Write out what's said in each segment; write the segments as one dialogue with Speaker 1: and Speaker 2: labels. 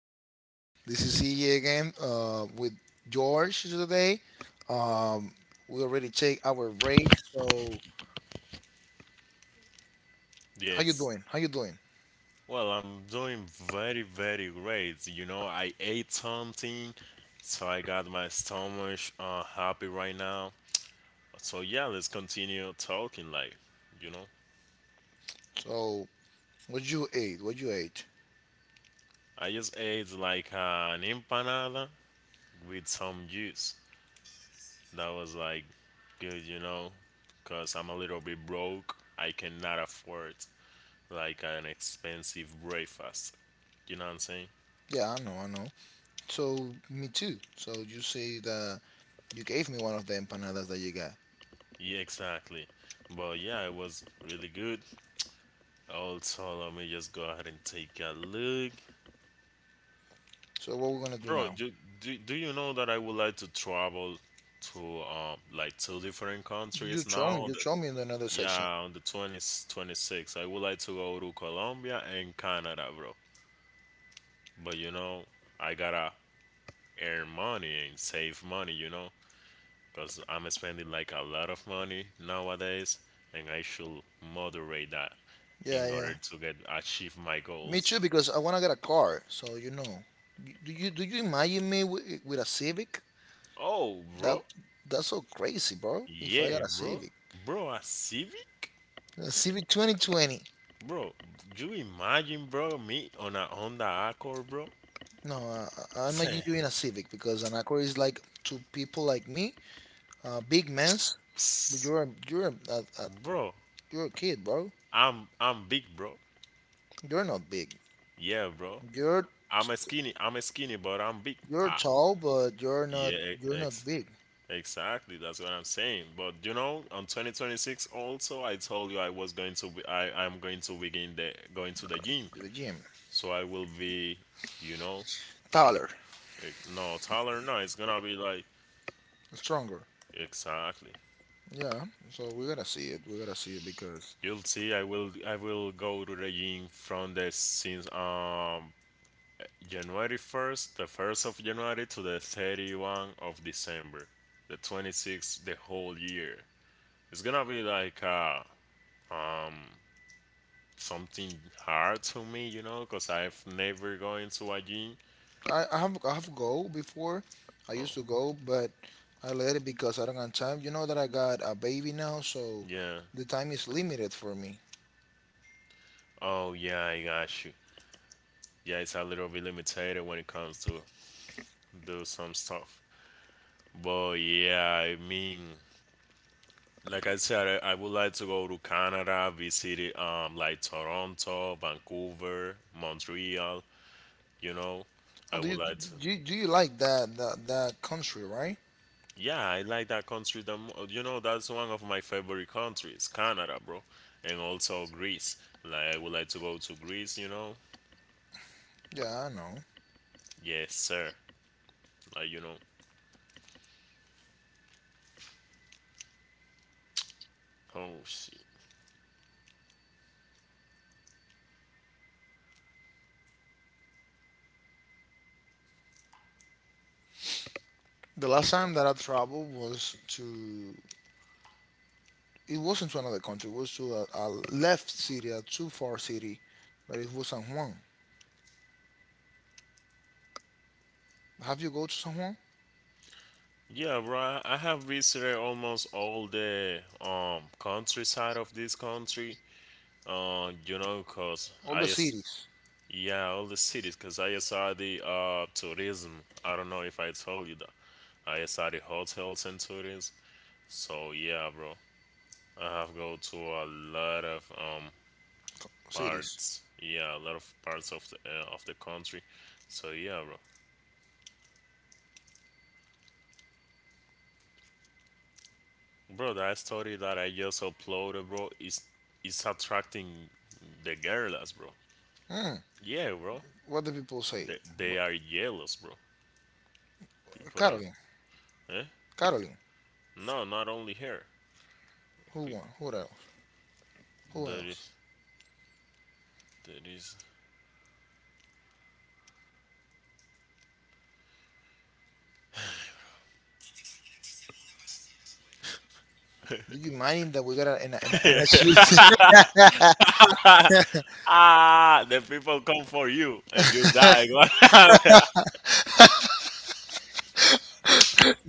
Speaker 1: is Kevin. This is EJ again, with George today. Um, we already take our break. So, how you
Speaker 2: Yes.
Speaker 1: doing? How you doing?
Speaker 2: Well, I'm doing very, very great. You know, I ate something, so I got my stomach happy right now. So yeah, let's continue talking. Like, you know,
Speaker 1: So, what you ate? What you ate?
Speaker 2: I just ate like an empanada with some juice. That was like good, you know, because I'm a little bit broke. I cannot afford like an expensive breakfast. You know what I'm saying?
Speaker 1: Yeah, I know, I know. So, me too. So, you say that you gave me one of the empanadas that you got.
Speaker 2: Yeah, exactly. But yeah, it was really good. Also, let me just go ahead and take a look.
Speaker 1: So, what we're gonna do
Speaker 2: Bro,
Speaker 1: now?
Speaker 2: do you know that I would like to travel to like two different
Speaker 1: You
Speaker 2: countries
Speaker 1: show
Speaker 2: now
Speaker 1: me.
Speaker 2: on
Speaker 1: You
Speaker 2: the
Speaker 1: show me in another section.
Speaker 2: yeah, on the 2026? I would like to go to Colombia and Canada, bro. But you know, I gotta earn money and save money, you know, because I'm spending like a lot of money nowadays, and I should moderate that
Speaker 1: Yeah,
Speaker 2: in
Speaker 1: yeah.
Speaker 2: order to get achieve my
Speaker 1: Me too,
Speaker 2: goals.
Speaker 1: because I wanna get a car. So you know, do you imagine me with, a Civic?
Speaker 2: Oh,
Speaker 1: That
Speaker 2: bro.
Speaker 1: that's so crazy, bro. If I
Speaker 2: Yeah,
Speaker 1: got
Speaker 2: bro. Bro, a Civic?
Speaker 1: A Civic 2020.
Speaker 2: Bro, do you imagine, bro, me on a Honda Accord, bro?
Speaker 1: No, I
Speaker 2: Say,
Speaker 1: imagine you in a Civic because an Acura is like to people like me, big mans. But
Speaker 2: "Psst,
Speaker 1: you're a
Speaker 2: bro,
Speaker 1: you're a kid, bro.
Speaker 2: I'm big, bro.
Speaker 1: You're not big.
Speaker 2: Yeah, bro.
Speaker 1: You're
Speaker 2: I'm a skinny, but I'm big.
Speaker 1: you're
Speaker 2: Ah,
Speaker 1: tall, but
Speaker 2: yeah,
Speaker 1: you're not big.
Speaker 2: exactly. That's what I'm saying. But you know, on 2026, also, I told you I was going to be. I'm going to begin the going to the gym,
Speaker 1: You're the gym
Speaker 2: so I will be, you know,
Speaker 1: taller,
Speaker 2: no taller. No, it's gonna be like
Speaker 1: stronger.
Speaker 2: exactly.
Speaker 1: Yeah. So we gotta see it. We gotta see it because
Speaker 2: You'll see. I will go to the gym from the since January 1st, the 1st of January to the 31 of December, the '26, the whole year. It's gonna be like something hard to me, you know, cause I've never gone to a gym.
Speaker 1: I have I have go before. I used to
Speaker 2: Oh
Speaker 1: go, but I let it because I don't have time. You know that I got a baby now, so
Speaker 2: yeah.
Speaker 1: the time is limited for me.
Speaker 2: Oh yeah. I got you. Yeah, it's a little bit limited when it comes to do some stuff. But yeah, I mean, like I said, I would like to go to Canada, visit like Toronto, Vancouver, Montreal. You know, I
Speaker 1: Do you
Speaker 2: would like to.
Speaker 1: do you like that, that country, right?
Speaker 2: Yeah, I like that country. You know that's one of my favorite countries, Canada, bro, and also Greece. Like I would like to go to Greece. You know,
Speaker 1: Yeah, I know.
Speaker 2: yes, sir. Like you know, oh shit.
Speaker 1: The last time that I traveled was to it wasn't to another country. It was to a left city, a too far city, but it was San Juan. Have you go to San Juan?
Speaker 2: Yeah, bro, I have visited almost all the countryside of this country. You know, cause
Speaker 1: All
Speaker 2: I
Speaker 1: the
Speaker 2: s-
Speaker 1: cities,
Speaker 2: yeah, all the cities, because I saw the tourism. I don't know if I told you that. I saw the hotels and tourism. So yeah, bro, I have go to a lot of parts.
Speaker 1: cities.
Speaker 2: Yeah, a lot of parts of the country. So yeah, bro, bro, that story that I just uploaded, bro, is attracting the guerrillas, bro.
Speaker 1: Hmm.
Speaker 2: Yeah, bro,
Speaker 1: What do people say?
Speaker 2: they
Speaker 1: What-
Speaker 2: are jealous, bro. People are,
Speaker 1: Caroline,
Speaker 2: eh?
Speaker 1: Caroline.
Speaker 2: No, not only here.
Speaker 1: Who
Speaker 2: Pe-
Speaker 1: won? Who else? Who
Speaker 2: There
Speaker 1: else?
Speaker 2: is, there is.
Speaker 1: Do you mind that we got in in a street?
Speaker 2: The people come for you and you die. What happened?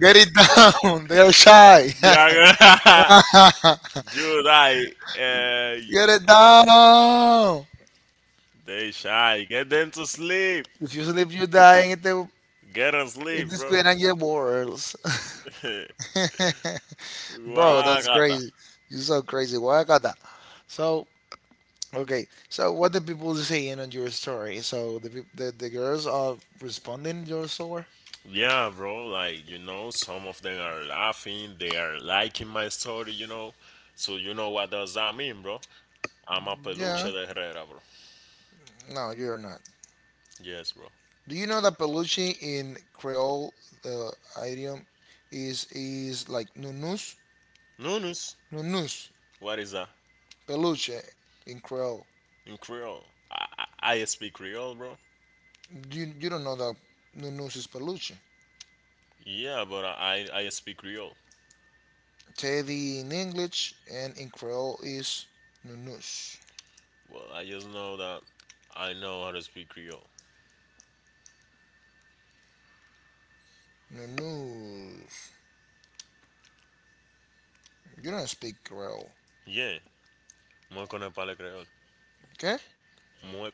Speaker 1: Get it down. They are shy.
Speaker 2: You
Speaker 1: Get
Speaker 2: are gonna, you die. Uh,
Speaker 1: it down.
Speaker 2: they shy. Get them to sleep.
Speaker 1: If you sleep, you die. And they,
Speaker 2: Get them
Speaker 1: if
Speaker 2: sleep,
Speaker 1: this
Speaker 2: bro.
Speaker 1: plane and your worlds. Bro, that's
Speaker 2: Guagata.
Speaker 1: crazy. You're so crazy. Why I got that? So, okay. So, what the people saying on your story? So, the girls are responding your story?
Speaker 2: Yeah, bro. Like you know, some of them are laughing. They are liking my story. You know, so you know what does that mean, bro? I'm a peluche
Speaker 1: Yeah.
Speaker 2: de Herrera, bro.
Speaker 1: No, you're not.
Speaker 2: Yes, bro.
Speaker 1: Do you know that Belushi in Creole, the idiom, is like nunus,
Speaker 2: Nunus,
Speaker 1: nunus,
Speaker 2: what is that
Speaker 1: peluche in Creole.
Speaker 2: in Creole? I speak Creole, bro.
Speaker 1: You don't know that nunus is peluche.
Speaker 2: Yeah, but I speak Creole.
Speaker 1: Teddy in English and in Creole is nunus,
Speaker 2: Well, I just know that I know how to speak Creole.
Speaker 1: nunus. You don't speak Creole,
Speaker 2: Yeah, moi connais pas le Creole.
Speaker 1: okay?
Speaker 2: Moi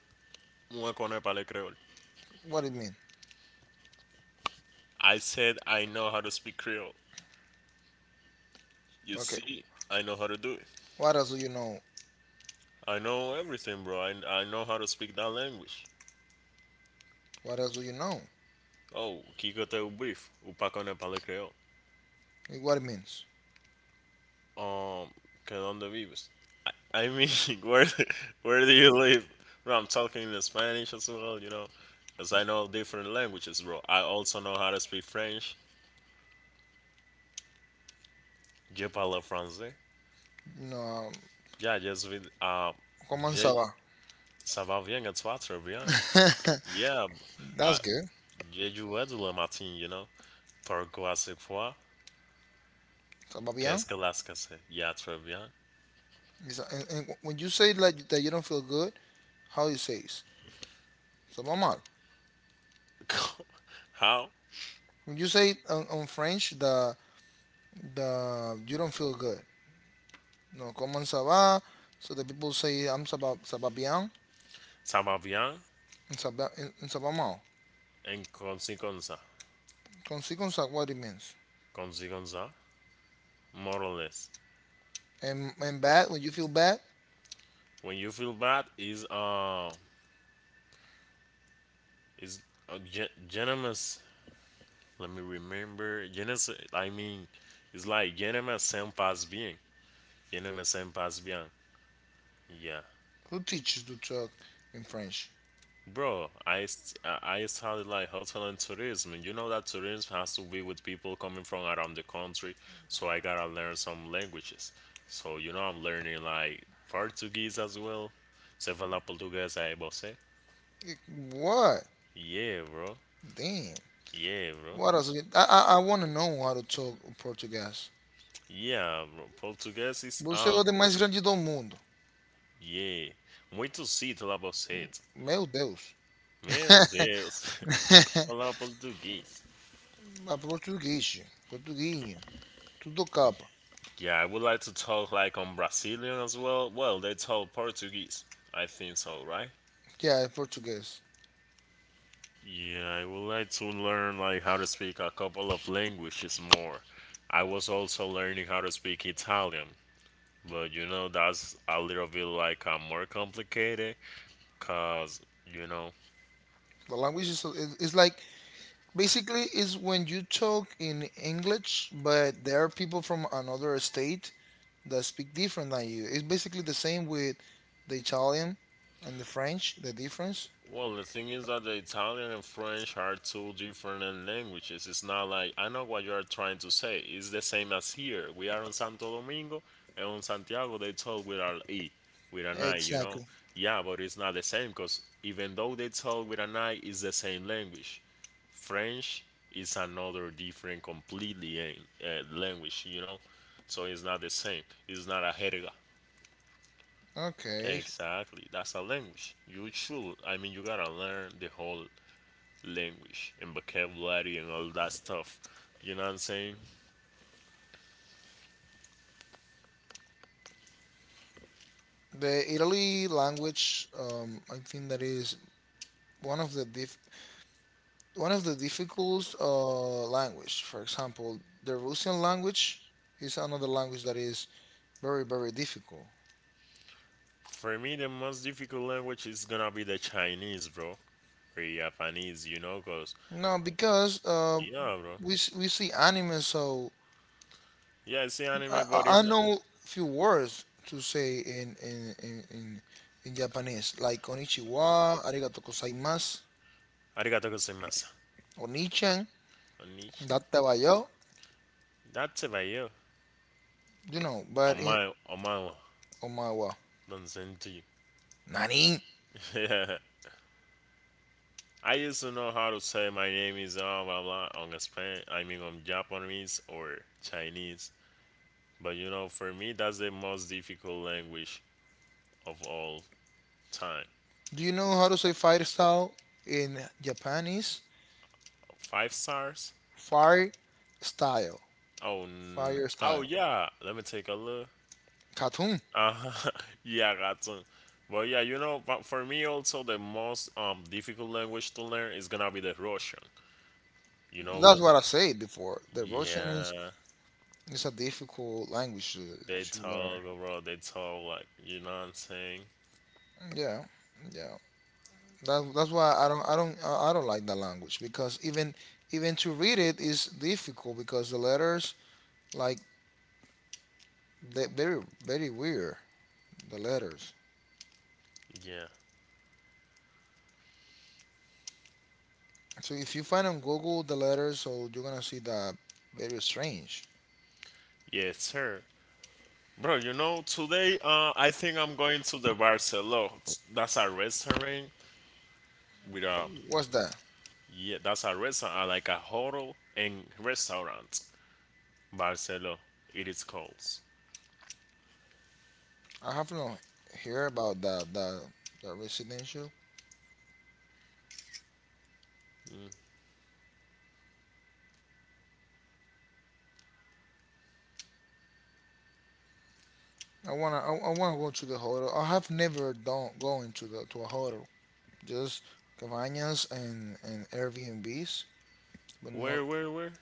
Speaker 2: moi connais pas le Creole.
Speaker 1: What it mean?
Speaker 2: I said I know how to speak Creole. You
Speaker 1: Okay.
Speaker 2: see, I know how to do it.
Speaker 1: What else do you know?
Speaker 2: I know everything, bro. I know how to speak that language.
Speaker 1: What else do you know?
Speaker 2: Oh, qui que t'es au beef ou pas connais pas le Creole.
Speaker 1: Eh, what it means?
Speaker 2: Um, ¿Dónde vives? I mean, where where do you live? Bro, I'm talking in Spanish as well, you know, because I know different languages, bro. I also know how to speak French. Je parle français.
Speaker 1: No,
Speaker 2: Yeah, just with
Speaker 1: ¿cómo se
Speaker 2: je,
Speaker 1: va?
Speaker 2: ça va bien et toi, très bien. Yeah, uh,
Speaker 1: That's good.
Speaker 2: j'ai joué de le matin, you know. Pourquoi c'est quoi?
Speaker 1: ¿Está bien?
Speaker 2: Qu'est-ce que la c'est? Yeah, très bien.
Speaker 1: It's- and when you say like that you don't feel good, how you say it? So normal.
Speaker 2: How?
Speaker 1: When you say on French the you don't feel good. No, comment ça va? So the people say I'm ça va bien
Speaker 2: Ça va bien?
Speaker 1: and ça va mal.
Speaker 2: En comme si comme ça.
Speaker 1: Consequence of what it means.
Speaker 2: Comme si comme ça. More or less.
Speaker 1: And bad when you feel bad,
Speaker 2: When you feel bad, is venomous. Let me remember. Genus. I mean, it's like venomous sem pas bien. Venomous sem pas bien. Yeah,
Speaker 1: who teaches to talk in French?
Speaker 2: bro. I st- I studied like hotel and tourism. And you know that tourism has to be with people coming from around the country. So I gotta learn some languages. So you know I'm learning like Portuguese as well. Você fala português aí, você?
Speaker 1: Eh, what?
Speaker 2: Yeah, bro.
Speaker 1: Damn.
Speaker 2: Yeah, bro.
Speaker 1: What else? I want to know how to talk Portuguese.
Speaker 2: Yeah, bro, português is.
Speaker 1: Você é
Speaker 2: Ah,
Speaker 1: o de mais grande do mundo.
Speaker 2: yeah. Muito cito você.
Speaker 1: Meu Deus.
Speaker 2: Meu Deus. Falar português.
Speaker 1: Mas Portuguese, Portuguinho, tudo capa.
Speaker 2: Yeah, I would like to talk like on Brazilian as well. Well, they talk Portuguese. I think so, right?
Speaker 1: Yeah, Portuguese.
Speaker 2: Yeah, I would like to learn like how to speak a couple of languages more. I was also learning how to speak Italian, but you know that's a little bit like more complicated, cause you know.
Speaker 1: The language is it's like basically is when you talk in English, but there are people from another state that speak different than you. It's basically the same with the Italian and the French. The difference.
Speaker 2: Well, the thing is that the Italian and French are two different languages. It's not like I know what you are trying to say. It's the same as here. We are on Santo Domingo, and on Santiago they talk with an e, with an I. You know,
Speaker 1: Exactly.
Speaker 2: yeah, but it's not the same because even though they talk with an I, it's the same language. French is another different, completely language. You know, so it's not the same. It's not a jerga.
Speaker 1: Okay.
Speaker 2: Exactly. That's a language. You should. I mean, you gotta learn the whole language and vocabulary and all that stuff. You know what I'm saying?
Speaker 1: The Italy language, I think that is one of the diff one of the difficult language. For example, the Russian language is another language that is very very difficult.
Speaker 2: For me, the most difficult language is gonna be the Chinese, bro, or Japanese. You know, cause
Speaker 1: No, because
Speaker 2: yeah, bro.
Speaker 1: we see anime, so
Speaker 2: Yeah, I see anime,
Speaker 1: I
Speaker 2: but it's
Speaker 1: I
Speaker 2: not.
Speaker 1: know few words to say in Japanese, like konnichiwa, arigato gozaimasu,
Speaker 2: Arigato gozaimasu.
Speaker 1: onichan,
Speaker 2: Konnichiwa.
Speaker 1: dattabayo,
Speaker 2: That's about you.
Speaker 1: you know,
Speaker 2: On
Speaker 1: but in
Speaker 2: my, on my one.
Speaker 1: omawa,
Speaker 2: Don't send to you.
Speaker 1: nani.
Speaker 2: Yeah. I used to know how to say my name is blah blah on Spain. I mean on Japanese or Chinese. But you know, for me, that's the most difficult language of all time.
Speaker 1: Do you know how to say fire style in Japanese?
Speaker 2: Five stars?
Speaker 1: Fire style.
Speaker 2: Oh,
Speaker 1: Fire style.
Speaker 2: yeah. Let me take a look.
Speaker 1: Katun.
Speaker 2: Uh-huh. Yeah, Gatun. But yeah, you know, but for me also the most difficult language to learn is gonna be the Russian. You know
Speaker 1: That's
Speaker 2: the,
Speaker 1: what I said before. The Russian
Speaker 2: yeah,
Speaker 1: is a difficult language
Speaker 2: they
Speaker 1: to learn.
Speaker 2: talk, bro. They talk like you know what I'm saying.
Speaker 1: Yeah, yeah. That, that's why I don't like the language because even to read it is difficult because the letters like they're very very weird the letters.
Speaker 2: Yeah,
Speaker 1: So if you find on Google the letters, so you're gonna see that very strange.
Speaker 2: yes, sir, bro. You know today, I think I'm going to the Barcelona. That's a restaurant with a,
Speaker 1: What's that?
Speaker 2: yeah, that's a restaurant, like a hotel and restaurant. Barcelo, it is called.
Speaker 1: I have not heard about the residential. I wanna go to the hotel. I have never done going to the to a hotel. Just cabañas and Airbnbs, but not
Speaker 2: Where, where?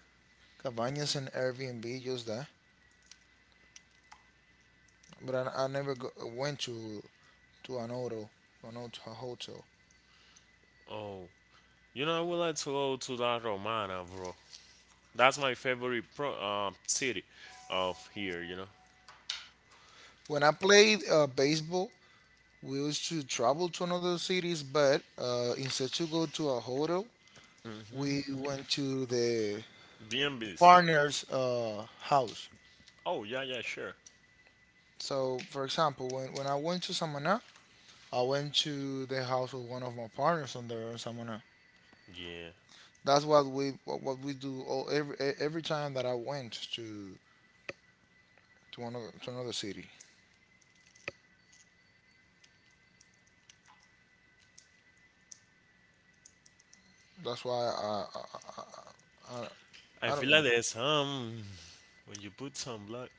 Speaker 1: cabañas and Airbnb. Just that. But I never go, went to an hotel, to a hotel.
Speaker 2: Oh, you know, I would like to go to La Romana, bro. That's my favorite city of here. You know,
Speaker 1: When I played baseball, we used to travel to another cities, but instead to go to a hotel, we went to the
Speaker 2: B&Bs.
Speaker 1: partner's house.
Speaker 2: Oh yeah, yeah, sure.
Speaker 1: So, for example, when I went to Samaná, I went to the house of one of my partners on there or someone.
Speaker 2: Yeah,
Speaker 1: That's what what we do all, every every time that I went to to another city. That's why I,
Speaker 2: I
Speaker 1: I don't
Speaker 2: feel
Speaker 1: know.
Speaker 2: like there's some when you put some blood.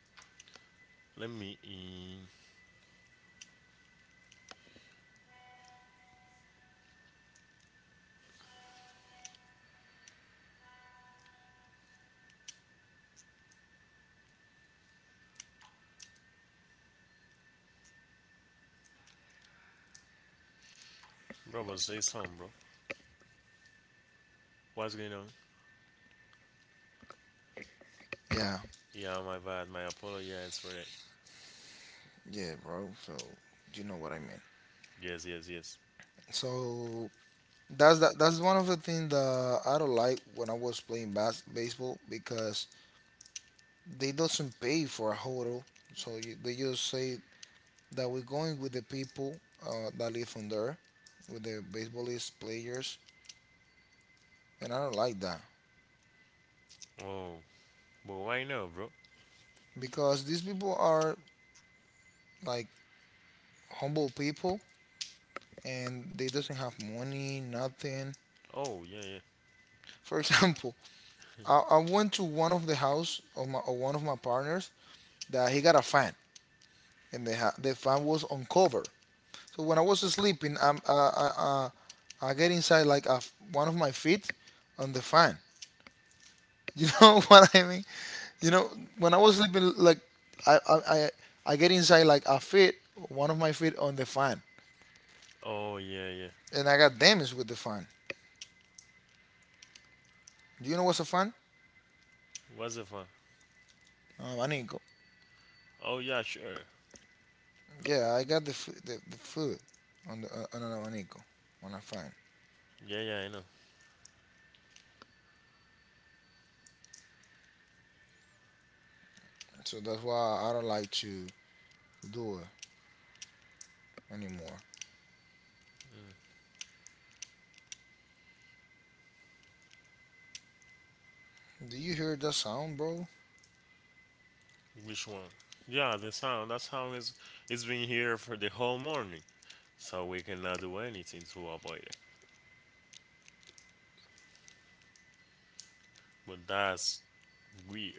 Speaker 2: Let me in, bro. But say some, bro. What's going on?
Speaker 1: Yeah,
Speaker 2: Yeah, my bad. My apologies for that.
Speaker 1: yeah, bro. So you know what I mean.
Speaker 2: Yes, yes, yes.
Speaker 1: So that's that's one of the things that I don't like when I was playing baseball because they doesn't pay for a hotel, so you, they just say that we're going with the people that live on there, with the baseballist players, and I don't like that
Speaker 2: Oh, but why now, bro?
Speaker 1: because these people are like humble people and they doesn't have money, nothing.
Speaker 2: Oh, yeah, yeah.
Speaker 1: For example, I went to one of the house of my of one of my partners that he got a fan and the fan was on cover. So when I was sleeping, I get inside one of my feet on the fan. You know what I mean? You know, when I was sleeping, like I I I, I get inside like a feet, one of my feet on the fan,
Speaker 2: Oh, yeah, yeah.
Speaker 1: and I got damaged with the fan. Do you know what's a fan?
Speaker 2: What's the fun?
Speaker 1: An abanico.
Speaker 2: Oh, yeah, sure.
Speaker 1: Yeah, I got the foot on the on an abanico on a fan.
Speaker 2: Yeah, yeah, I know.
Speaker 1: So that's why I don't like to do it anymore. Do you hear that sound, bro?
Speaker 2: Which one? Yeah, the sound. That sound is it's been here for the whole morning, so we cannot do anything to avoid it. But that's weird.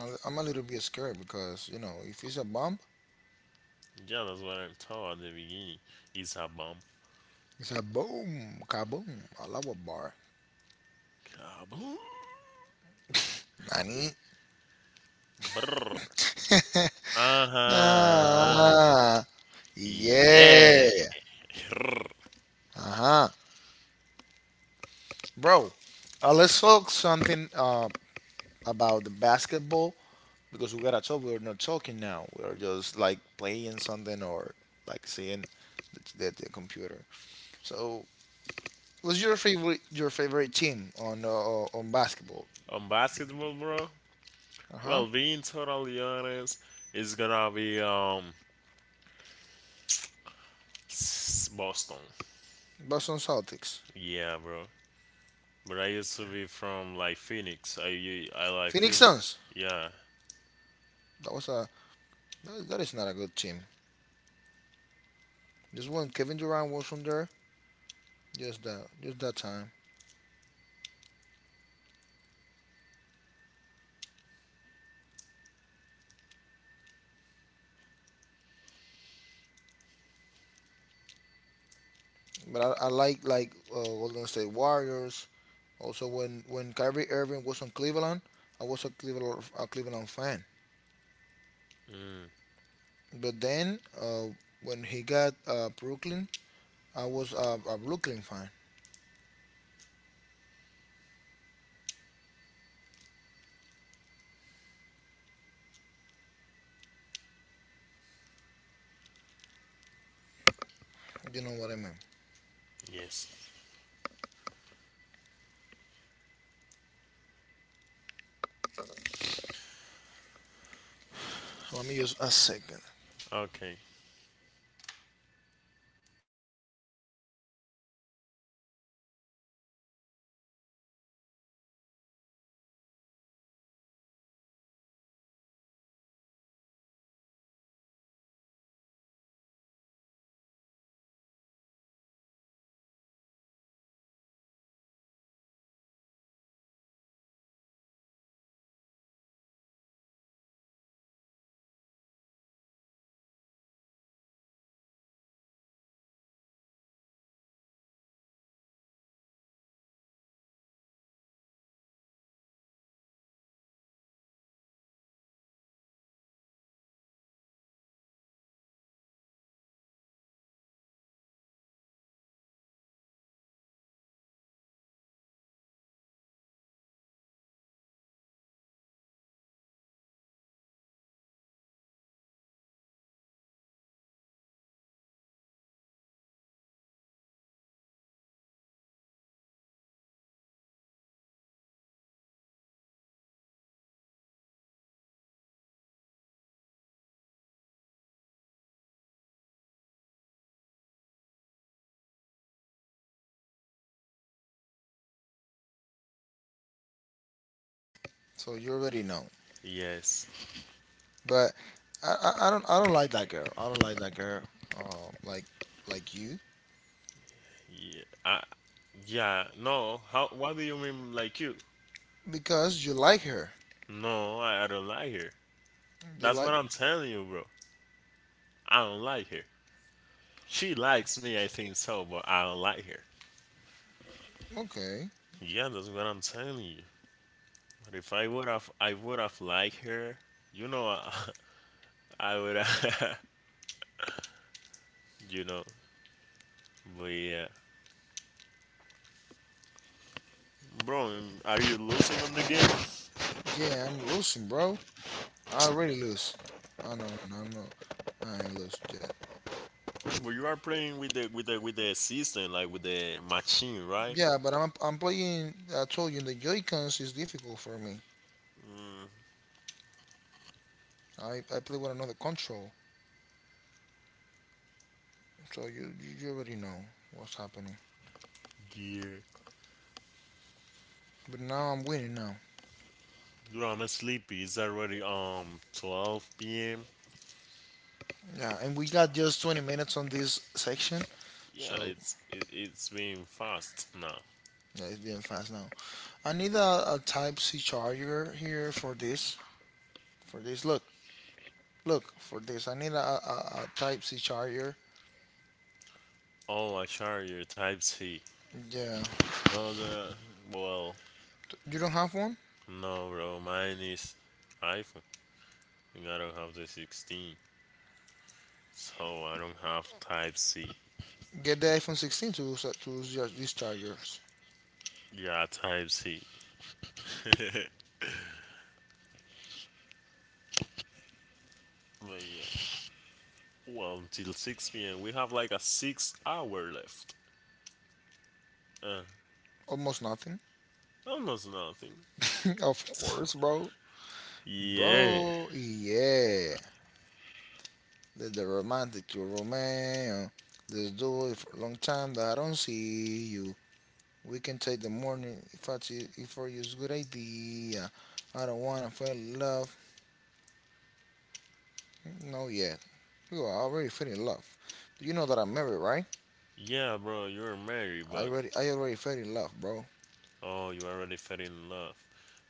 Speaker 1: I'm a little bit scared because you know if it's a bomb,
Speaker 2: Yeah, that's what I thought at the beginning. It's a bomb.
Speaker 1: it's a boom, kaboom, Allah bar.
Speaker 2: Kaboom!
Speaker 1: Nani?
Speaker 2: Brrr. Uh huh.
Speaker 1: Ah. Yeah.
Speaker 2: Yeah.
Speaker 1: Uh-huh. Bro, let's talk something about the basketball because we gotta talk. We're not talking now. We're just like playing something or like seeing the, the computer. So, what's your favorite team on basketball?
Speaker 2: On basketball, bro.
Speaker 1: Uh-huh.
Speaker 2: Well, Vintor Orleans is gonna be Boston.
Speaker 1: Boston Celtics.
Speaker 2: Yeah, bro. But I used to be from like Phoenix. I like
Speaker 1: Phoenix
Speaker 2: Phoenix.
Speaker 1: Suns.
Speaker 2: Yeah.
Speaker 1: That was a that is not a good team. Just when Kevin Durant was from there, just that time. But I like Golden State Warriors. Also, when Kyrie Irving was on Cleveland, I was a Cleveland fan.
Speaker 2: Mm,
Speaker 1: But then when he got Brooklyn, I was a Brooklyn fan. You know what I mean?
Speaker 2: yes.
Speaker 1: Let me use a second.
Speaker 2: Okay.
Speaker 1: So you already know.
Speaker 2: Yes.
Speaker 1: But I don't like that girl. I don't like that girl. Uh, like like you
Speaker 2: Yeah. Yeah. No. How? What do you mean? Like you?
Speaker 1: because you like her.
Speaker 2: No, I don't like her.
Speaker 1: You
Speaker 2: That's
Speaker 1: like
Speaker 2: what I'm telling you, bro. I don't like her. She likes me, I think so, but I don't like her.
Speaker 1: okay.
Speaker 2: Yeah, that's what I'm telling you. And if I would have, I would have liked her. You know, I, I would. Have you know, but yeah, bro, are you losing on the game?
Speaker 1: Yeah, I'm losing, bro. I already lose. Oh no no no I'm not. I ain't lose yet.
Speaker 2: But you are playing with the system, like with the machine, right?
Speaker 1: Yeah, but I'm playing. I told you the Joy Cons is difficult for me. I play with another control, so you already know what's happening.
Speaker 2: Yeah.
Speaker 1: But now I'm winning now.
Speaker 2: Dude, I'm sleepy. It's already 12 p.m.
Speaker 1: Yeah, and we got just 20 minutes on this section, so
Speaker 2: Yeah, it's been fast now.
Speaker 1: yeah, it's being fast now. I need a Type C charger here for this. For this, look, look for this. I need a Type C charger.
Speaker 2: Oh, I charge your Type C.
Speaker 1: Yeah,
Speaker 2: Oh, the well,
Speaker 1: you don't have one?
Speaker 2: no, bro. Mine is iPhone. And I don't have the 16. So I don't have type C.
Speaker 1: Get the iPhone 16 to use these chargers.
Speaker 2: Yeah, type C. But yeah. Well, until 6 p.m. we have like a 6 hour left. Uh,
Speaker 1: Almost nothing.
Speaker 2: Almost nothing.
Speaker 1: Of course, bro.
Speaker 2: Yeah.
Speaker 1: Bro, yeah. That's the romantic to Romeo. Let's do it for a long time that I don't see you. We can take the morning if I see if for you's good idea. I don't wanna fall in love. No yet. You are already fell in love. Do you know that I'm married, right?
Speaker 2: Yeah, bro, you're married, but
Speaker 1: I already fell in love, bro.
Speaker 2: oh, you already fell in love.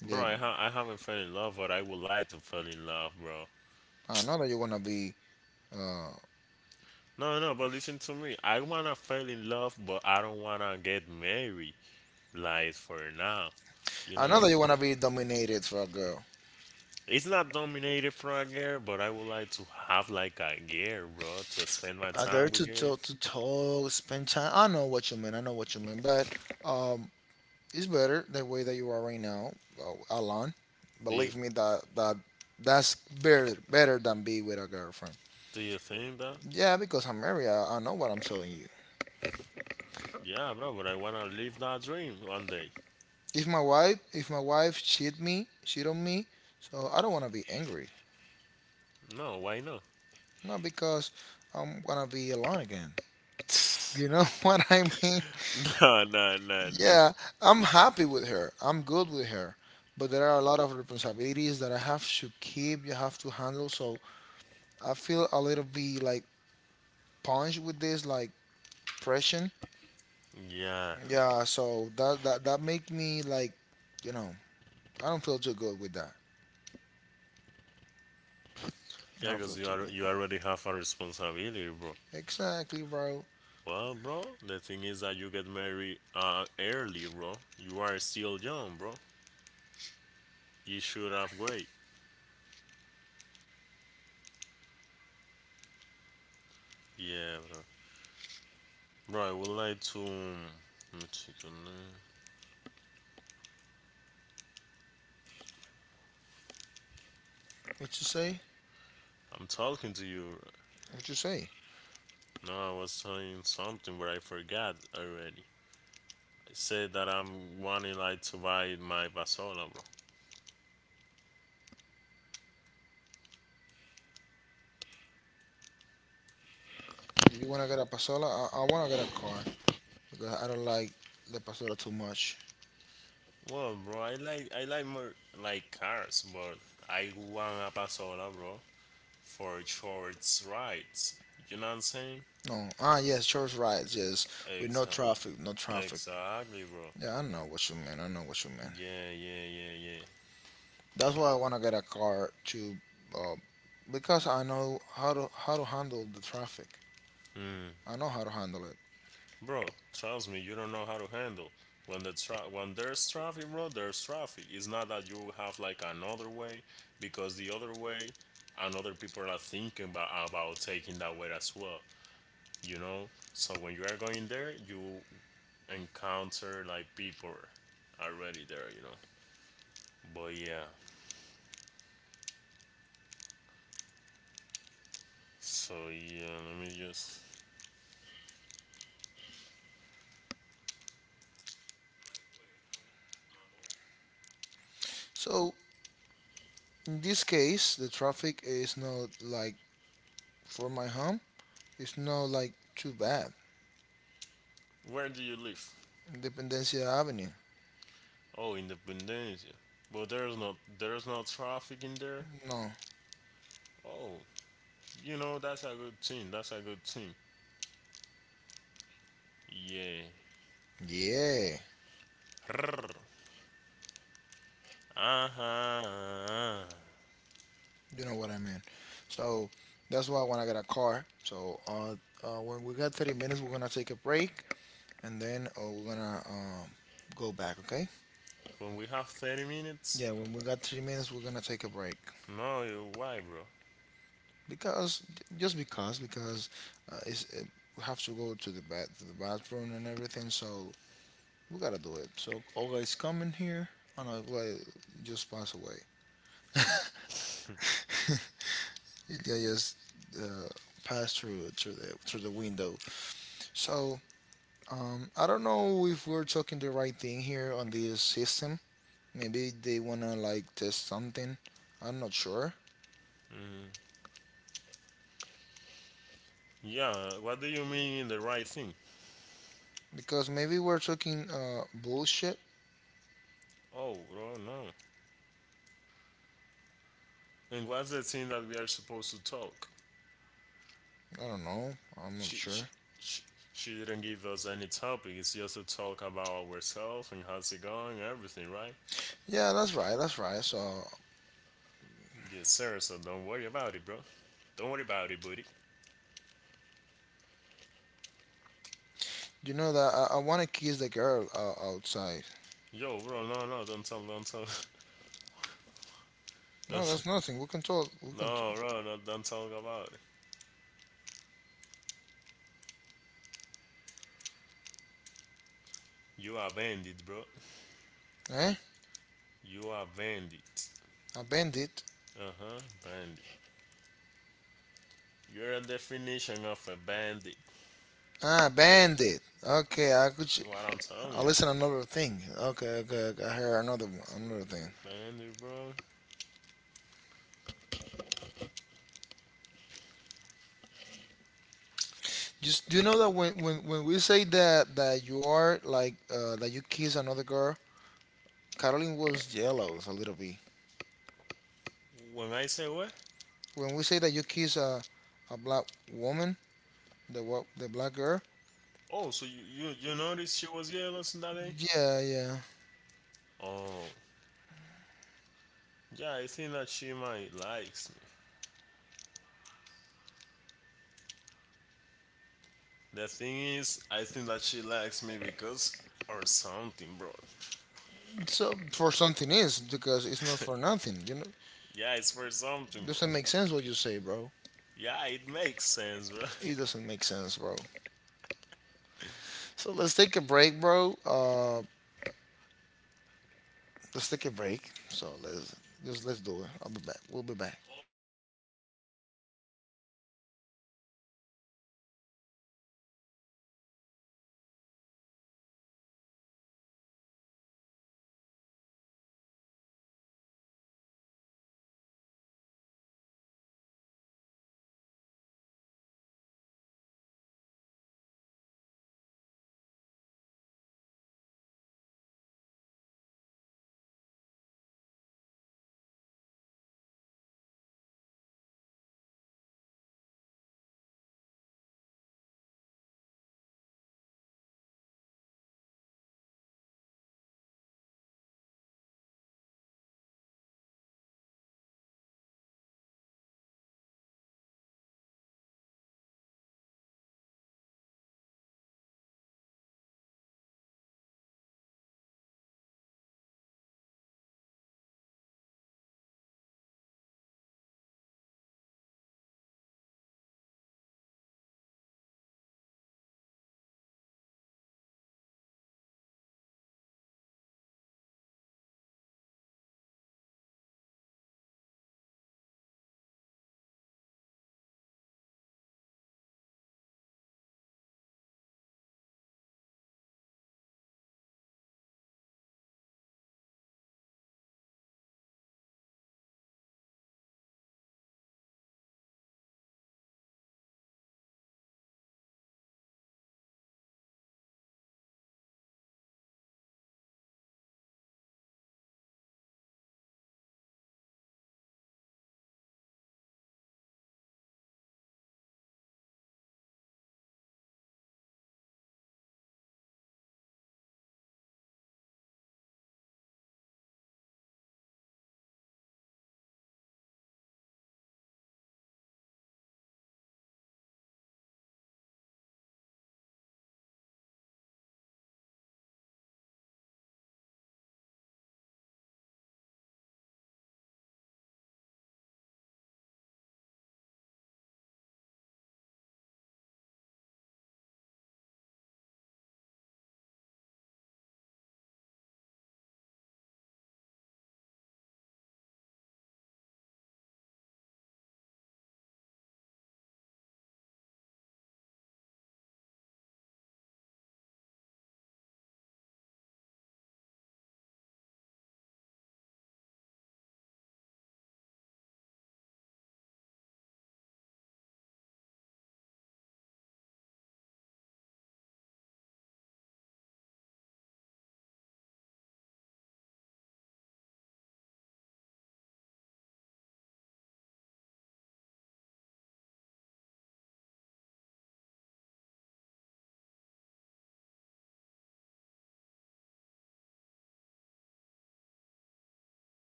Speaker 2: Bro,
Speaker 1: Yeah.
Speaker 2: I haven't fell in love, but I would like to fall in love, bro.
Speaker 1: I know that you wanna be uh
Speaker 2: No, no, but listen to me. I wanna fall in love, but I don't wanna get married, like for now, you
Speaker 1: I know
Speaker 2: know?
Speaker 1: that you wanna be dominated for a girl.
Speaker 2: It's not dominated from a girl, but I would like to have like a girl, bro, to spend my
Speaker 1: A girl
Speaker 2: time with
Speaker 1: to
Speaker 2: her.
Speaker 1: talk spend time. I know what you mean. I know what you mean, but um, it's better the way that you are right now, alone.
Speaker 2: Do you
Speaker 1: Believe me, that that's better than be with a girlfriend.
Speaker 2: do you think that?
Speaker 1: Yeah, because I'm married. I know what I'm telling you.
Speaker 2: Yeah, bro, but I wanna live that dream one day.
Speaker 1: If my wife cheat me, cheat on me, so I don't wanna be angry.
Speaker 2: No, why not?
Speaker 1: Not because I'm gonna be alone again. You know what I mean?
Speaker 2: No, no, no, no.
Speaker 1: Yeah, I'm happy with her. I'm good with her. But there are a lot of responsibilities that I have to keep, you have to handle. So I feel a little bit like punched with this like pressure.
Speaker 2: Yeah,
Speaker 1: Yeah, so that make me like, you know, I don't feel too good with that. I
Speaker 2: yeah,
Speaker 1: don't feel
Speaker 2: because you
Speaker 1: too
Speaker 2: are
Speaker 1: good.
Speaker 2: you already have a responsibility, bro.
Speaker 1: Exactly, bro.
Speaker 2: Well, bro, the thing is that you get married early, bro. You are still young, bro. You should have wait. Yeah. Right, would like to. Let me check on that.
Speaker 1: What you say?
Speaker 2: I'm talking to you.
Speaker 1: What you say?
Speaker 2: No, I was saying something, but I forgot already. I said that I'm wanting like to buy my Basola, bro.
Speaker 1: Do you wanna get a pasola? I wanna get a car because I don't like the pasola too much.
Speaker 2: Well, bro, I like more like cars, but I want a Basola, bro, for short rides. You know what I'm saying?
Speaker 1: No. Ah, yes, George right. Yes, with no
Speaker 2: Exactly.
Speaker 1: traffic, no traffic.
Speaker 2: Exactly, bro.
Speaker 1: Yeah, I know what you mean. I know what you mean.
Speaker 2: Yeah, yeah, yeah,
Speaker 1: That's why I wanna get a car to, uh, because I know how to handle the traffic.
Speaker 2: yeah.
Speaker 1: I know how to handle it.
Speaker 2: Bro, trust me, you don't know how to handle. When there's traffic, bro, there's traffic. It's not that you have like another way, because the other way, another people are thinking about taking that way as well. You know, so when you are going there, you encounter like people already there. You know, but yeah. So yeah, let me just.
Speaker 1: So in this case, the traffic is not like for my home. It's not like too bad.
Speaker 2: Where do you live?
Speaker 1: Independencia Avenue.
Speaker 2: Oh, Independencia. But there's no traffic in there.
Speaker 1: No.
Speaker 2: Oh. You know, that's a good thing. That's a good thing. Yeah.
Speaker 1: Yeah.
Speaker 2: Uh-huh.
Speaker 1: You know what I mean? So that's why when I want to get a car, when we got 30 minutes, we're gonna take a break and then we're gonna go back, okay?
Speaker 2: When we have 30 minutes?
Speaker 1: Yeah, when we got 30 minutes, we're gonna take a break
Speaker 2: No, you- why, bro?
Speaker 1: because just because uh, it's, it, we have to go to the bathroom and everything, so we gotta do it. So Olga is coming here. Oh no, Olga just passed away. Yeah, just uh, passed through the window. So I don't know if we're talking the right thing here on this system. Maybe they wanna like test something. I'm not sure
Speaker 2: Mm, yeah, what do you mean the right thing?
Speaker 1: because maybe we're talking bullshit.
Speaker 2: Oh, bro, no. And what's the thing that we are supposed to talk?
Speaker 1: I don't know. I'm not
Speaker 2: She,
Speaker 1: sure.
Speaker 2: she, she, she didn't give us any topic. It's just to talk about ourselves and how's it going, everything, right?
Speaker 1: Yeah, that's right. That's right. So
Speaker 2: Yes, sir. So don't worry about it, bro. Don't worry about it, buddy.
Speaker 1: you know that I wanna kiss the girl outside.
Speaker 2: Yo, bro, no, no, don't tell,
Speaker 1: No, that's
Speaker 2: don't.
Speaker 1: nothing. We can talk. We can talk.
Speaker 2: No, bro, not don't talk about it. You are bandit, bro.
Speaker 1: Eh?
Speaker 2: You are bandit.
Speaker 1: A bandit.
Speaker 2: Uh huh, bandit. You're a definition of a bandit.
Speaker 1: Ah, bandit. Okay, I could. Ch-
Speaker 2: What I'm
Speaker 1: I
Speaker 2: telling you,
Speaker 1: listen another thing. Okay, okay, okay. I heard another thing.
Speaker 2: bandit, bro.
Speaker 1: Just do you know that when we say that you are like that you kiss another girl, Caroline was jealous a little bit.
Speaker 2: When I say what?
Speaker 1: When we say that you kiss a black woman, the the black girl,
Speaker 2: Oh, so you noticed she was jealous that day?
Speaker 1: yeah, yeah.
Speaker 2: Oh, yeah. I think that she might likes me. The thing is, I think that she likes me because or something, bro.
Speaker 1: So for something is because it's not for nothing. You know,
Speaker 2: Yeah, it's for something, bro.
Speaker 1: doesn't make sense what you say, bro.
Speaker 2: Yeah, it makes sense, bro.
Speaker 1: It doesn't make sense, bro. So let's take a break, bro. Let's take a break. So let's just let's do it. I'll be back. We'll be back.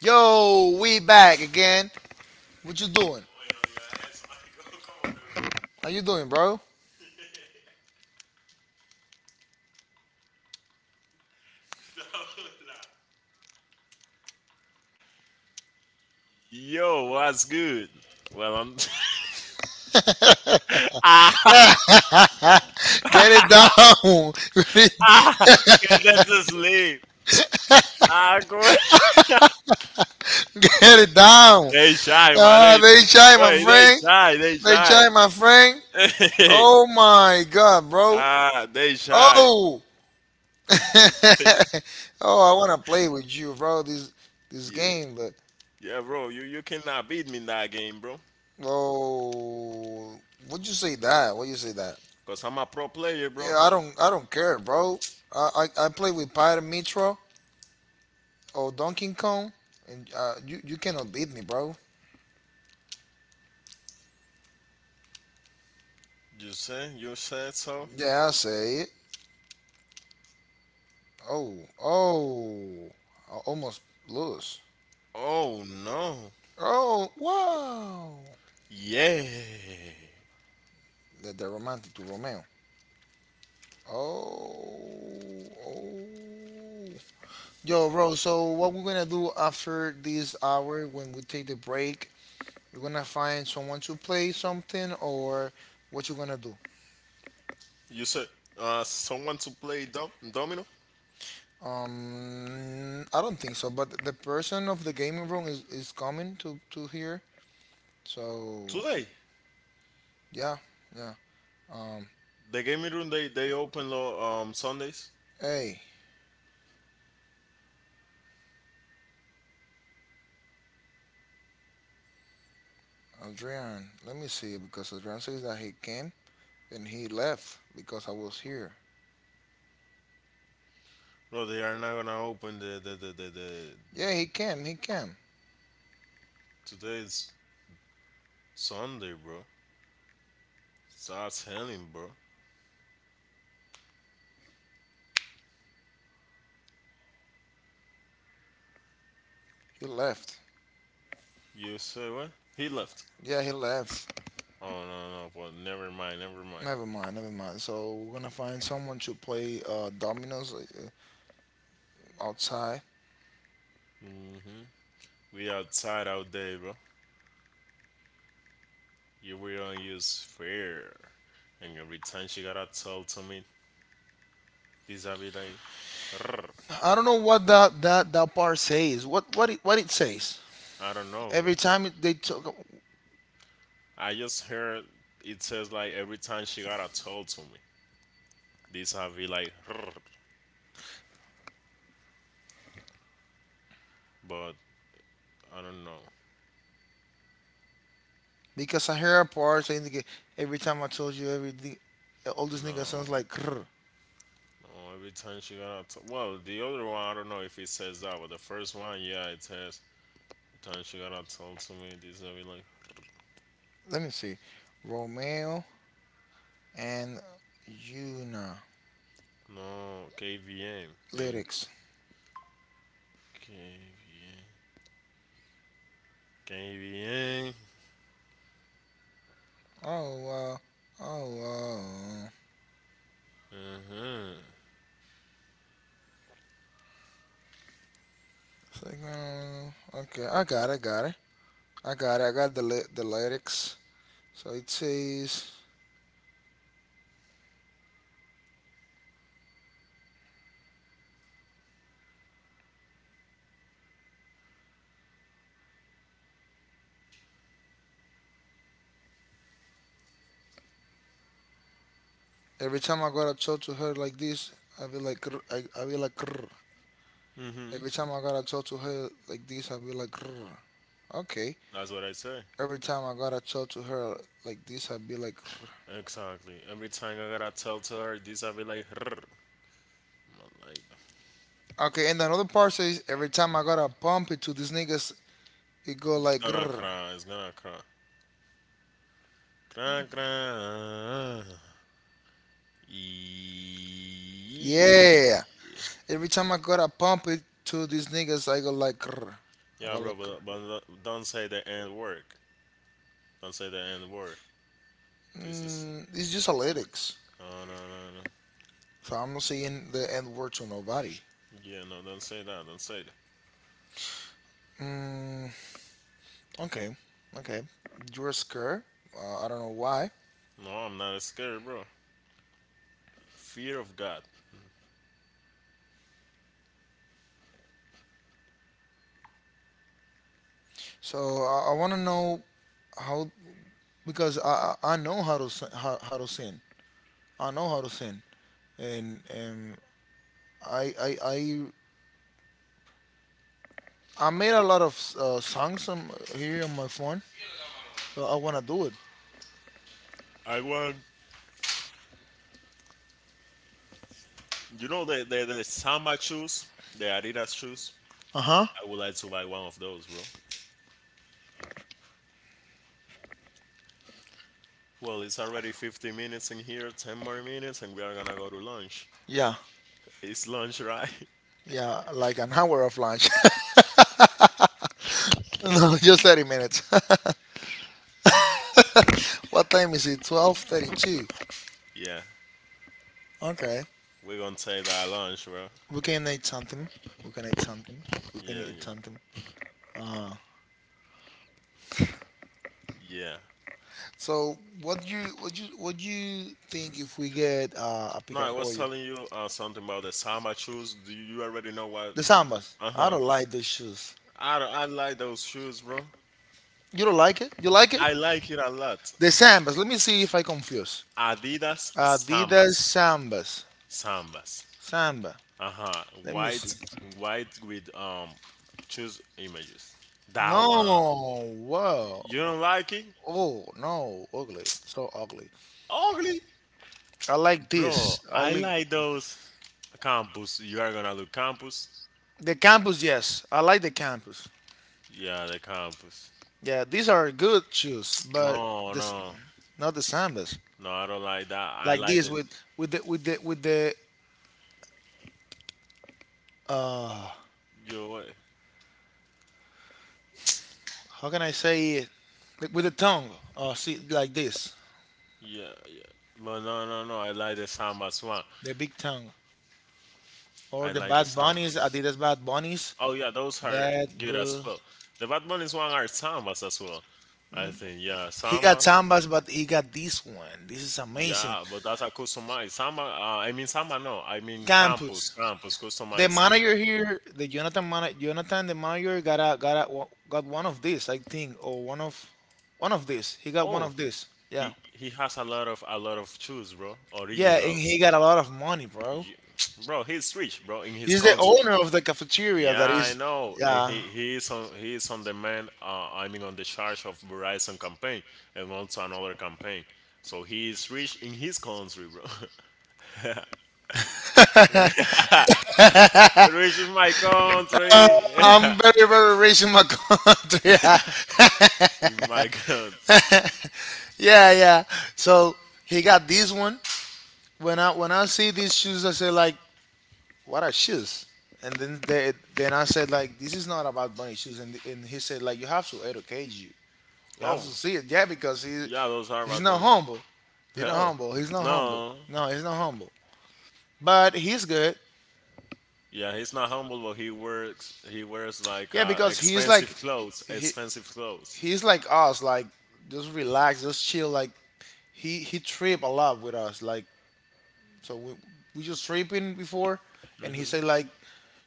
Speaker 1: Yo, we back again. What you doing? How you doing, bro?
Speaker 2: Yo, what's good? Well, I'm
Speaker 1: Get it down.
Speaker 2: getting to sleep. Ah, go.
Speaker 1: Get it down.
Speaker 2: They shy, Agora.
Speaker 1: Ah, they try, my
Speaker 2: Wait, they
Speaker 1: friend.
Speaker 2: shy. They
Speaker 1: They
Speaker 2: shy.
Speaker 1: try, my friend. Oh my god, bro.
Speaker 2: ah, they shy.
Speaker 1: Oh. Oh, I wanna play with you, bro. This
Speaker 2: Yeah.
Speaker 1: game, but
Speaker 2: Yeah, bro, you cannot beat me in that game, bro.
Speaker 1: oh, would you say that? Would you say that?
Speaker 2: Because I'm a pro player, bro.
Speaker 1: Yeah, I don't care, bro. I I play with Pyre Mitro or Donkey Kong, and you you cannot beat me, bro.
Speaker 2: You say? You said so?
Speaker 1: Yeah, I say it. Oh, oh, I almost lost.
Speaker 2: Oh, no.
Speaker 1: Oh, wow.
Speaker 2: Yeah.
Speaker 1: That the romantic to Romeo. Oh, oh. Yo, bro. So what we're gonna do after this hour when we take the break? We're gonna find someone to play something, or what you gonna do?
Speaker 2: You said someone to play Domino?
Speaker 1: I don't think so. But the person of the gaming room is coming to here. So
Speaker 2: Today.
Speaker 1: yeah, yeah. Um,
Speaker 2: The gaming room, they open Sundays.
Speaker 1: hey, Adrian, let me see because Adrian says that he came and he left because I was here.
Speaker 2: Bro, they are not gonna open the
Speaker 1: Yeah, he came.
Speaker 2: today's Sunday, bro. That's him, bro.
Speaker 1: He left.
Speaker 2: You say what? He left.
Speaker 1: Yeah, he left.
Speaker 2: Oh no, no, but never mind, never mind.
Speaker 1: Never mind, never mind. So we're gonna find someone to play dominoes outside.
Speaker 2: Hmm We outside out there, bro. You we don't use fear. And every time she gotta tell to me, this I be like, "Rrr."
Speaker 1: I don't know what that part says. What it says.
Speaker 2: I don't know, bro.
Speaker 1: Every time it, they took
Speaker 2: I just heard it says like every time she gotta tell to me, this I be like, "Rrr," but I don't know.
Speaker 1: because I hear a part saying every time I told you everything, all these
Speaker 2: No.
Speaker 1: niggas sounds like. Krr.
Speaker 2: No, every time she got to t- well, the other one I don't know if it says that, but the first one, yeah, it says every time she got to tell to me this, I be like,
Speaker 1: Let me see. Romeo and Una
Speaker 2: no, KVM and
Speaker 1: lyrics.
Speaker 2: KVM, KVM.
Speaker 1: Oh wow. Oh wow.
Speaker 2: Uh-huh.
Speaker 1: It's like, okay, got it. I got it. I got the the lyrics. So it says every time I gotta talk to her like this, I be like "Grr," I be like "Grr."
Speaker 2: Mm-hmm.
Speaker 1: Every time I gotta talk to her like this, I be like "Grr." Okay.
Speaker 2: That's what I say.
Speaker 1: Every time I gotta talk to her like this, I be like "Grr."
Speaker 2: Exactly. Every time I gotta tell to her this, I be like, "Rrr." I'm like,
Speaker 1: Okay. And another part says every time I gotta pump it to these niggas, it go like "Grr."
Speaker 2: it's gonna cry, cry, cry. Eeeeee.
Speaker 1: Yeah. Every time I gotta pump it to these niggas, I go like, "Grr." I
Speaker 2: Yeah,
Speaker 1: go
Speaker 2: bro,
Speaker 1: like, "Grr."
Speaker 2: but don't say the N word. Don't say the N word. This is.
Speaker 1: Mm, it's just a lyrics.
Speaker 2: No, no, no, no.
Speaker 1: So I'm not saying the N word to nobody.
Speaker 2: Yeah, no, don't say that. Don't say that.
Speaker 1: Mm, okay, okay. You're scared. I don't know why.
Speaker 2: No, I'm not scared, bro. Fear of God.
Speaker 1: So I want to know how because I know how to sin, how to sin. I know how to sin, and and I I I, I made a lot of songs on, here on my phone. So I want to do it.
Speaker 2: I want. You know the Samba shoes? The Adidas shoes?
Speaker 1: Uh-huh.
Speaker 2: I would like to buy one of those, bro. Well, it's already 50 minutes in here, 10 more minutes, and we are gonna go to lunch.
Speaker 1: Yeah.
Speaker 2: It's lunch, right?
Speaker 1: Yeah, like an hour of lunch. No, just 30 minutes. What time is it? 12:32.
Speaker 2: Yeah.
Speaker 1: Okay.
Speaker 2: We're gonna take that lunch, bro.
Speaker 1: We can eat something. We can eat something. We can
Speaker 2: Yeah,
Speaker 1: eat
Speaker 2: yeah.
Speaker 1: something.
Speaker 2: Yeah.
Speaker 1: So, what you think if we get a
Speaker 2: No,
Speaker 1: pica
Speaker 2: I was
Speaker 1: pollo?
Speaker 2: telling you something about the Samba shoes. Do you, you already know what?
Speaker 1: The sambas.
Speaker 2: Uh
Speaker 1: I
Speaker 2: huh.
Speaker 1: don't like those shoes.
Speaker 2: I, don't- I like those shoes, bro.
Speaker 1: You don't like it? You like it?
Speaker 2: I like it a lot.
Speaker 1: The sambas. Let me see if I confuse.
Speaker 2: Adidas
Speaker 1: Adidas
Speaker 2: Sambas,
Speaker 1: sambas.
Speaker 2: Sambas.
Speaker 1: Samba.
Speaker 2: Uh huh.
Speaker 1: Let me
Speaker 2: White,
Speaker 1: see.
Speaker 2: white with choose images. That one.
Speaker 1: No, wow.
Speaker 2: You don't like it?
Speaker 1: Oh, no, ugly. So ugly.
Speaker 2: Ugly,
Speaker 1: I like
Speaker 2: bro.
Speaker 1: this. I
Speaker 2: I
Speaker 1: like
Speaker 2: like those. Campus. You are gonna do campus.
Speaker 1: the campus, yes. I like the campus.
Speaker 2: Yeah, the campus.
Speaker 1: Yeah, these are good shoes, but
Speaker 2: No,
Speaker 1: this
Speaker 2: no,
Speaker 1: not the sandals.
Speaker 2: no. I don't like that. I
Speaker 1: Like
Speaker 2: like
Speaker 1: this
Speaker 2: the.
Speaker 1: with with the uh
Speaker 2: Yo, what?
Speaker 1: how can I say it? Like with the tongue. Oh, see like this.
Speaker 2: Yeah, yeah. But no, no, no. I like the samba as well.
Speaker 1: The big tongue. Or
Speaker 2: I
Speaker 1: the
Speaker 2: like the
Speaker 1: bad
Speaker 2: samba.
Speaker 1: bunnies, Adidas bad bunnies.
Speaker 2: Oh yeah, those are
Speaker 1: Bad
Speaker 2: good as
Speaker 1: bu-
Speaker 2: well. The Bad Bunny's one are sambas as well. I think yeah,
Speaker 1: He got
Speaker 2: samba.
Speaker 1: Sambas, but he got this one. This is amazing.
Speaker 2: Yeah, but that's a customized samba. I mean samba. No, I mean campus,
Speaker 1: Campus.
Speaker 2: campus
Speaker 1: The
Speaker 2: customized.
Speaker 1: manager here, the Jonathan, the manager got one of these, I think, or one of these. He got one
Speaker 2: Oh,
Speaker 1: of these. Yeah,
Speaker 2: he has a lot of shoes, bro.
Speaker 1: yeah, and he
Speaker 2: Originals.
Speaker 1: got a lot of money, bro.
Speaker 2: You- bro. He's rich, bro, in his
Speaker 1: He's the
Speaker 2: country.
Speaker 1: owner of the cafeteria
Speaker 2: Yeah,
Speaker 1: that
Speaker 2: I
Speaker 1: is.
Speaker 2: know, and
Speaker 1: Yeah,
Speaker 2: he is on the man. I mean, on the charge of Verizon campaign and also another campaign. So he is rich in his country, bro. rich in my country. Yeah.
Speaker 1: I'm very rich in my country. Yeah.
Speaker 2: in my god.
Speaker 1: Yeah, yeah. So he got this one. When I see these shoes, I say like, what are shoes? And then they, then I said like this is not about bunny shoes, and he said like you have to educate you, you have
Speaker 2: Oh,
Speaker 1: to see it, yeah, because he
Speaker 2: yeah, those are
Speaker 1: he's not
Speaker 2: advantage.
Speaker 1: humble,
Speaker 2: Oh,
Speaker 1: he's not humble,
Speaker 2: no.
Speaker 1: no, he's not humble, but he's good,
Speaker 2: Yeah, he's not humble, but he works. He wears like
Speaker 1: yeah, because he's
Speaker 2: expensive
Speaker 1: like
Speaker 2: clothes.
Speaker 1: he,
Speaker 2: Expensive clothes.
Speaker 1: he's like us, like just relax, just chill, like he trip a lot with us, like so we just tripping before, and he said like,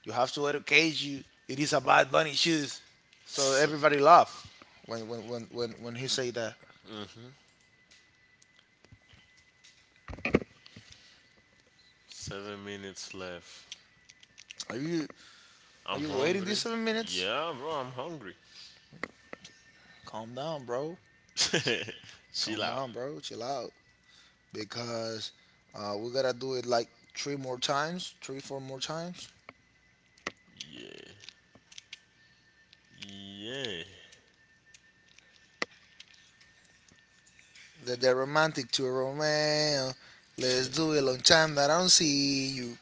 Speaker 1: you have to educate you. It is a bad bunny shoes. So everybody laugh when he say that.
Speaker 2: 7 minutes left.
Speaker 1: Are you
Speaker 2: I'm
Speaker 1: are you waiting
Speaker 2: hungry.
Speaker 1: these 7 minutes?
Speaker 2: Yeah, bro, I'm hungry.
Speaker 1: Calm down, bro.
Speaker 2: Chill
Speaker 1: Calm
Speaker 2: out.
Speaker 1: down, bro. Chill out. Because we gotta do it like three more times, 3, 4 more times.
Speaker 2: Yeah. Yeah.
Speaker 1: That they're romantic to Romeo. Let's do it. Long time that I don't see you.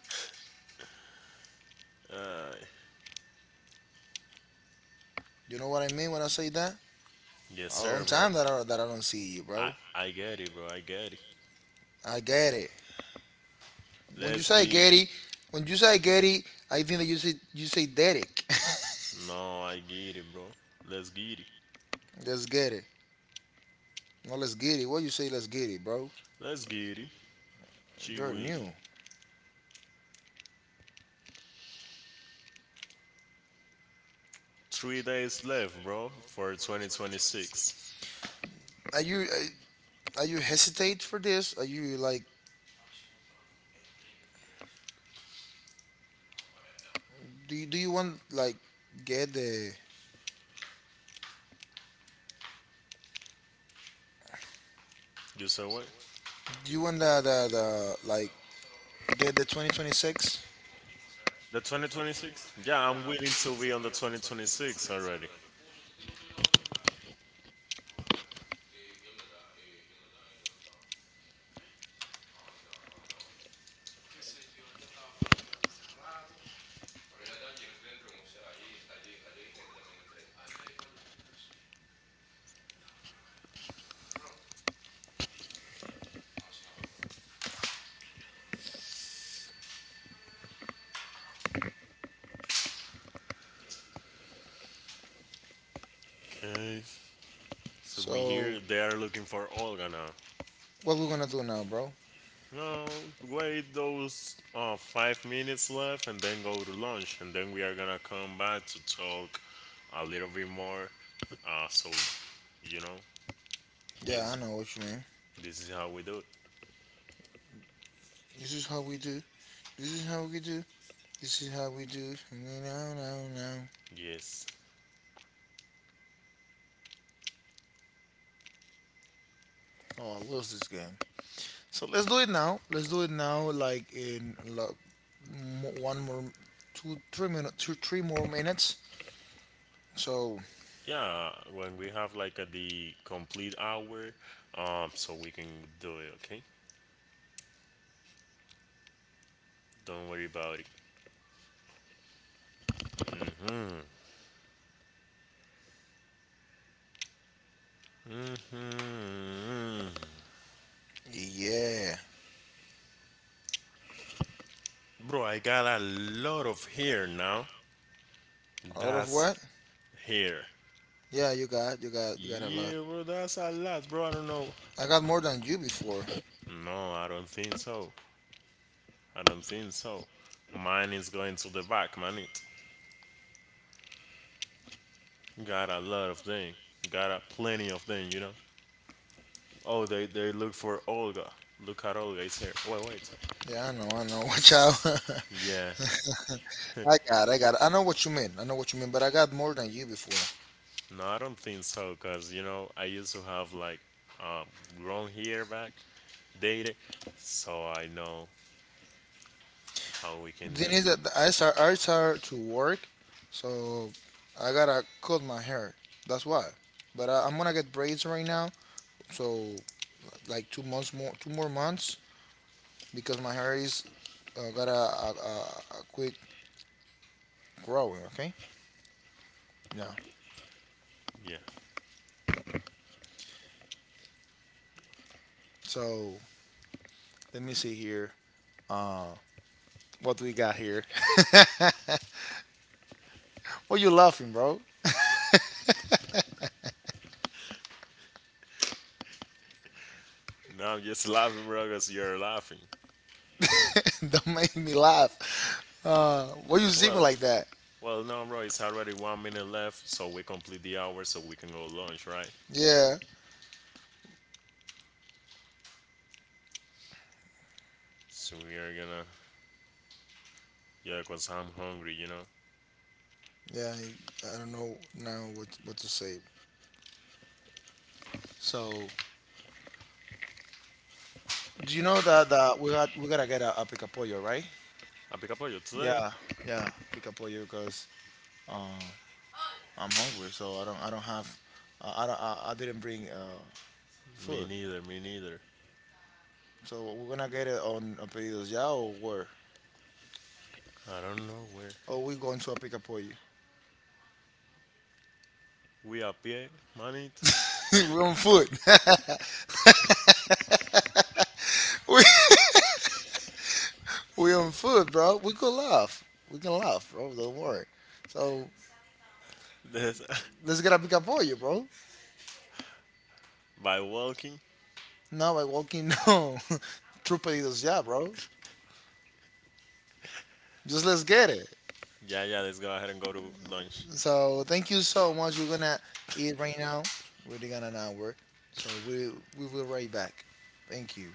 Speaker 2: Uh,
Speaker 1: You know what I mean when I say that?
Speaker 2: yes,
Speaker 1: A long
Speaker 2: sir, bro.
Speaker 1: time that I don't see you,
Speaker 2: I,
Speaker 1: bro.
Speaker 2: I get it, bro. I get it.
Speaker 1: I get it. When you
Speaker 2: Let's
Speaker 1: say
Speaker 2: get it.
Speaker 1: Getty, when you say Getty, I think that you say Derek.
Speaker 2: No, I get it, bro. Let's get it.
Speaker 1: Let's get it. No, let's get it. What you say? Let's get it, bro.
Speaker 2: Let's get it. Gee
Speaker 1: You're
Speaker 2: witty.
Speaker 1: new.
Speaker 2: 3 days left, bro, for 2026.
Speaker 1: Are you uh, are you hesitate for this? Are you like do you want like get the
Speaker 2: You said what?
Speaker 1: do you want the like get the 2026?
Speaker 2: The 2026? Yeah, I'm willing to be on the 2026 already. Okay. So we
Speaker 1: So
Speaker 2: hear they are looking for Olga now.
Speaker 1: what we're gonna do now, bro?
Speaker 2: No, wait those 5 minutes left and then go to lunch. And then we are gonna come back to talk a little bit more. Uh, so, you know,
Speaker 1: Yeah,
Speaker 2: this,
Speaker 1: I know what you mean.
Speaker 2: this is how we do it.
Speaker 1: This is how we do. This is how we do. This is how we do. No, no, no, no.
Speaker 2: Yes.
Speaker 1: Oh, I lose this game. So let's do it now. Let's do it now. Like in one more, two, three more minutes. So
Speaker 2: Yeah, when we have like a, the complete hour, so we can do it, okay? Don't worry about it. Mhm.
Speaker 1: yeah,
Speaker 2: Bro, I got a lot of hair now.
Speaker 1: a lot of
Speaker 2: That's
Speaker 1: what?
Speaker 2: here.
Speaker 1: Yeah, you got a lot.
Speaker 2: Yeah, bro, that's a lot, bro. I don't know.
Speaker 1: I got more than you before.
Speaker 2: No, I don't think so. I don't think so. Mine is going to the back, man. It got a lot of thing. Got a plenty of thing, you know. Oh, they look for Olga. Look at Olga. It's here. Wait, wait.
Speaker 1: Yeah, I know, I know. Watch out.
Speaker 2: Yeah.
Speaker 1: I got, I got. I know what you mean. I know what you mean, but I got more than you before.
Speaker 2: No, I don't think so, cause you know I used to have like um grown hair back, dated, so I know how we can
Speaker 1: The thing
Speaker 2: def.
Speaker 1: is that I start to work, so I gotta cut my hair. That's why. But I'm gonna get braids right now, so like 2 months more, two more months, because my hair is got a quick growing. Okay. Yeah.
Speaker 2: Yeah.
Speaker 1: So let me see here. Uh, what do we got here? What you laughing, bro?
Speaker 2: Now I'm just laughing, bro, cause you're laughing.
Speaker 1: Don't make me laugh. Why you see me
Speaker 2: Well,
Speaker 1: like that?
Speaker 2: Well, no, bro, it's already 1 minute left, so we complete the hour so we can go lunch, right?
Speaker 1: Yeah.
Speaker 2: So we are gonna. Yeah, because I'm hungry, you know?
Speaker 1: Yeah. I don't know now what to say. So do you know that we gotta get a picapollo, right?
Speaker 2: ¿A pica pollo today?
Speaker 1: Yeah, yeah, picapollo because uh, I'm hungry, so I don't have I don't, I didn't bring
Speaker 2: Me
Speaker 1: food,
Speaker 2: neither, me neither.
Speaker 1: so we're gonna get it on a pedidos ya or where?
Speaker 2: I don't know where.
Speaker 1: Oh, we going to a picapollo.
Speaker 2: We a pie, manito.
Speaker 1: We're on food. we we on food, bro. We could laugh. We can laugh, bro. Don't worry. So
Speaker 2: This,
Speaker 1: let's get a picapollo, bro.
Speaker 2: by walking.
Speaker 1: Not by walking no. True pedidos ya, bro. Just let's get it.
Speaker 2: Yeah, yeah, let's go ahead and go to lunch.
Speaker 1: So thank you so much. We're gonna eat right now. We're gonna not work. So we will right back. Thank you.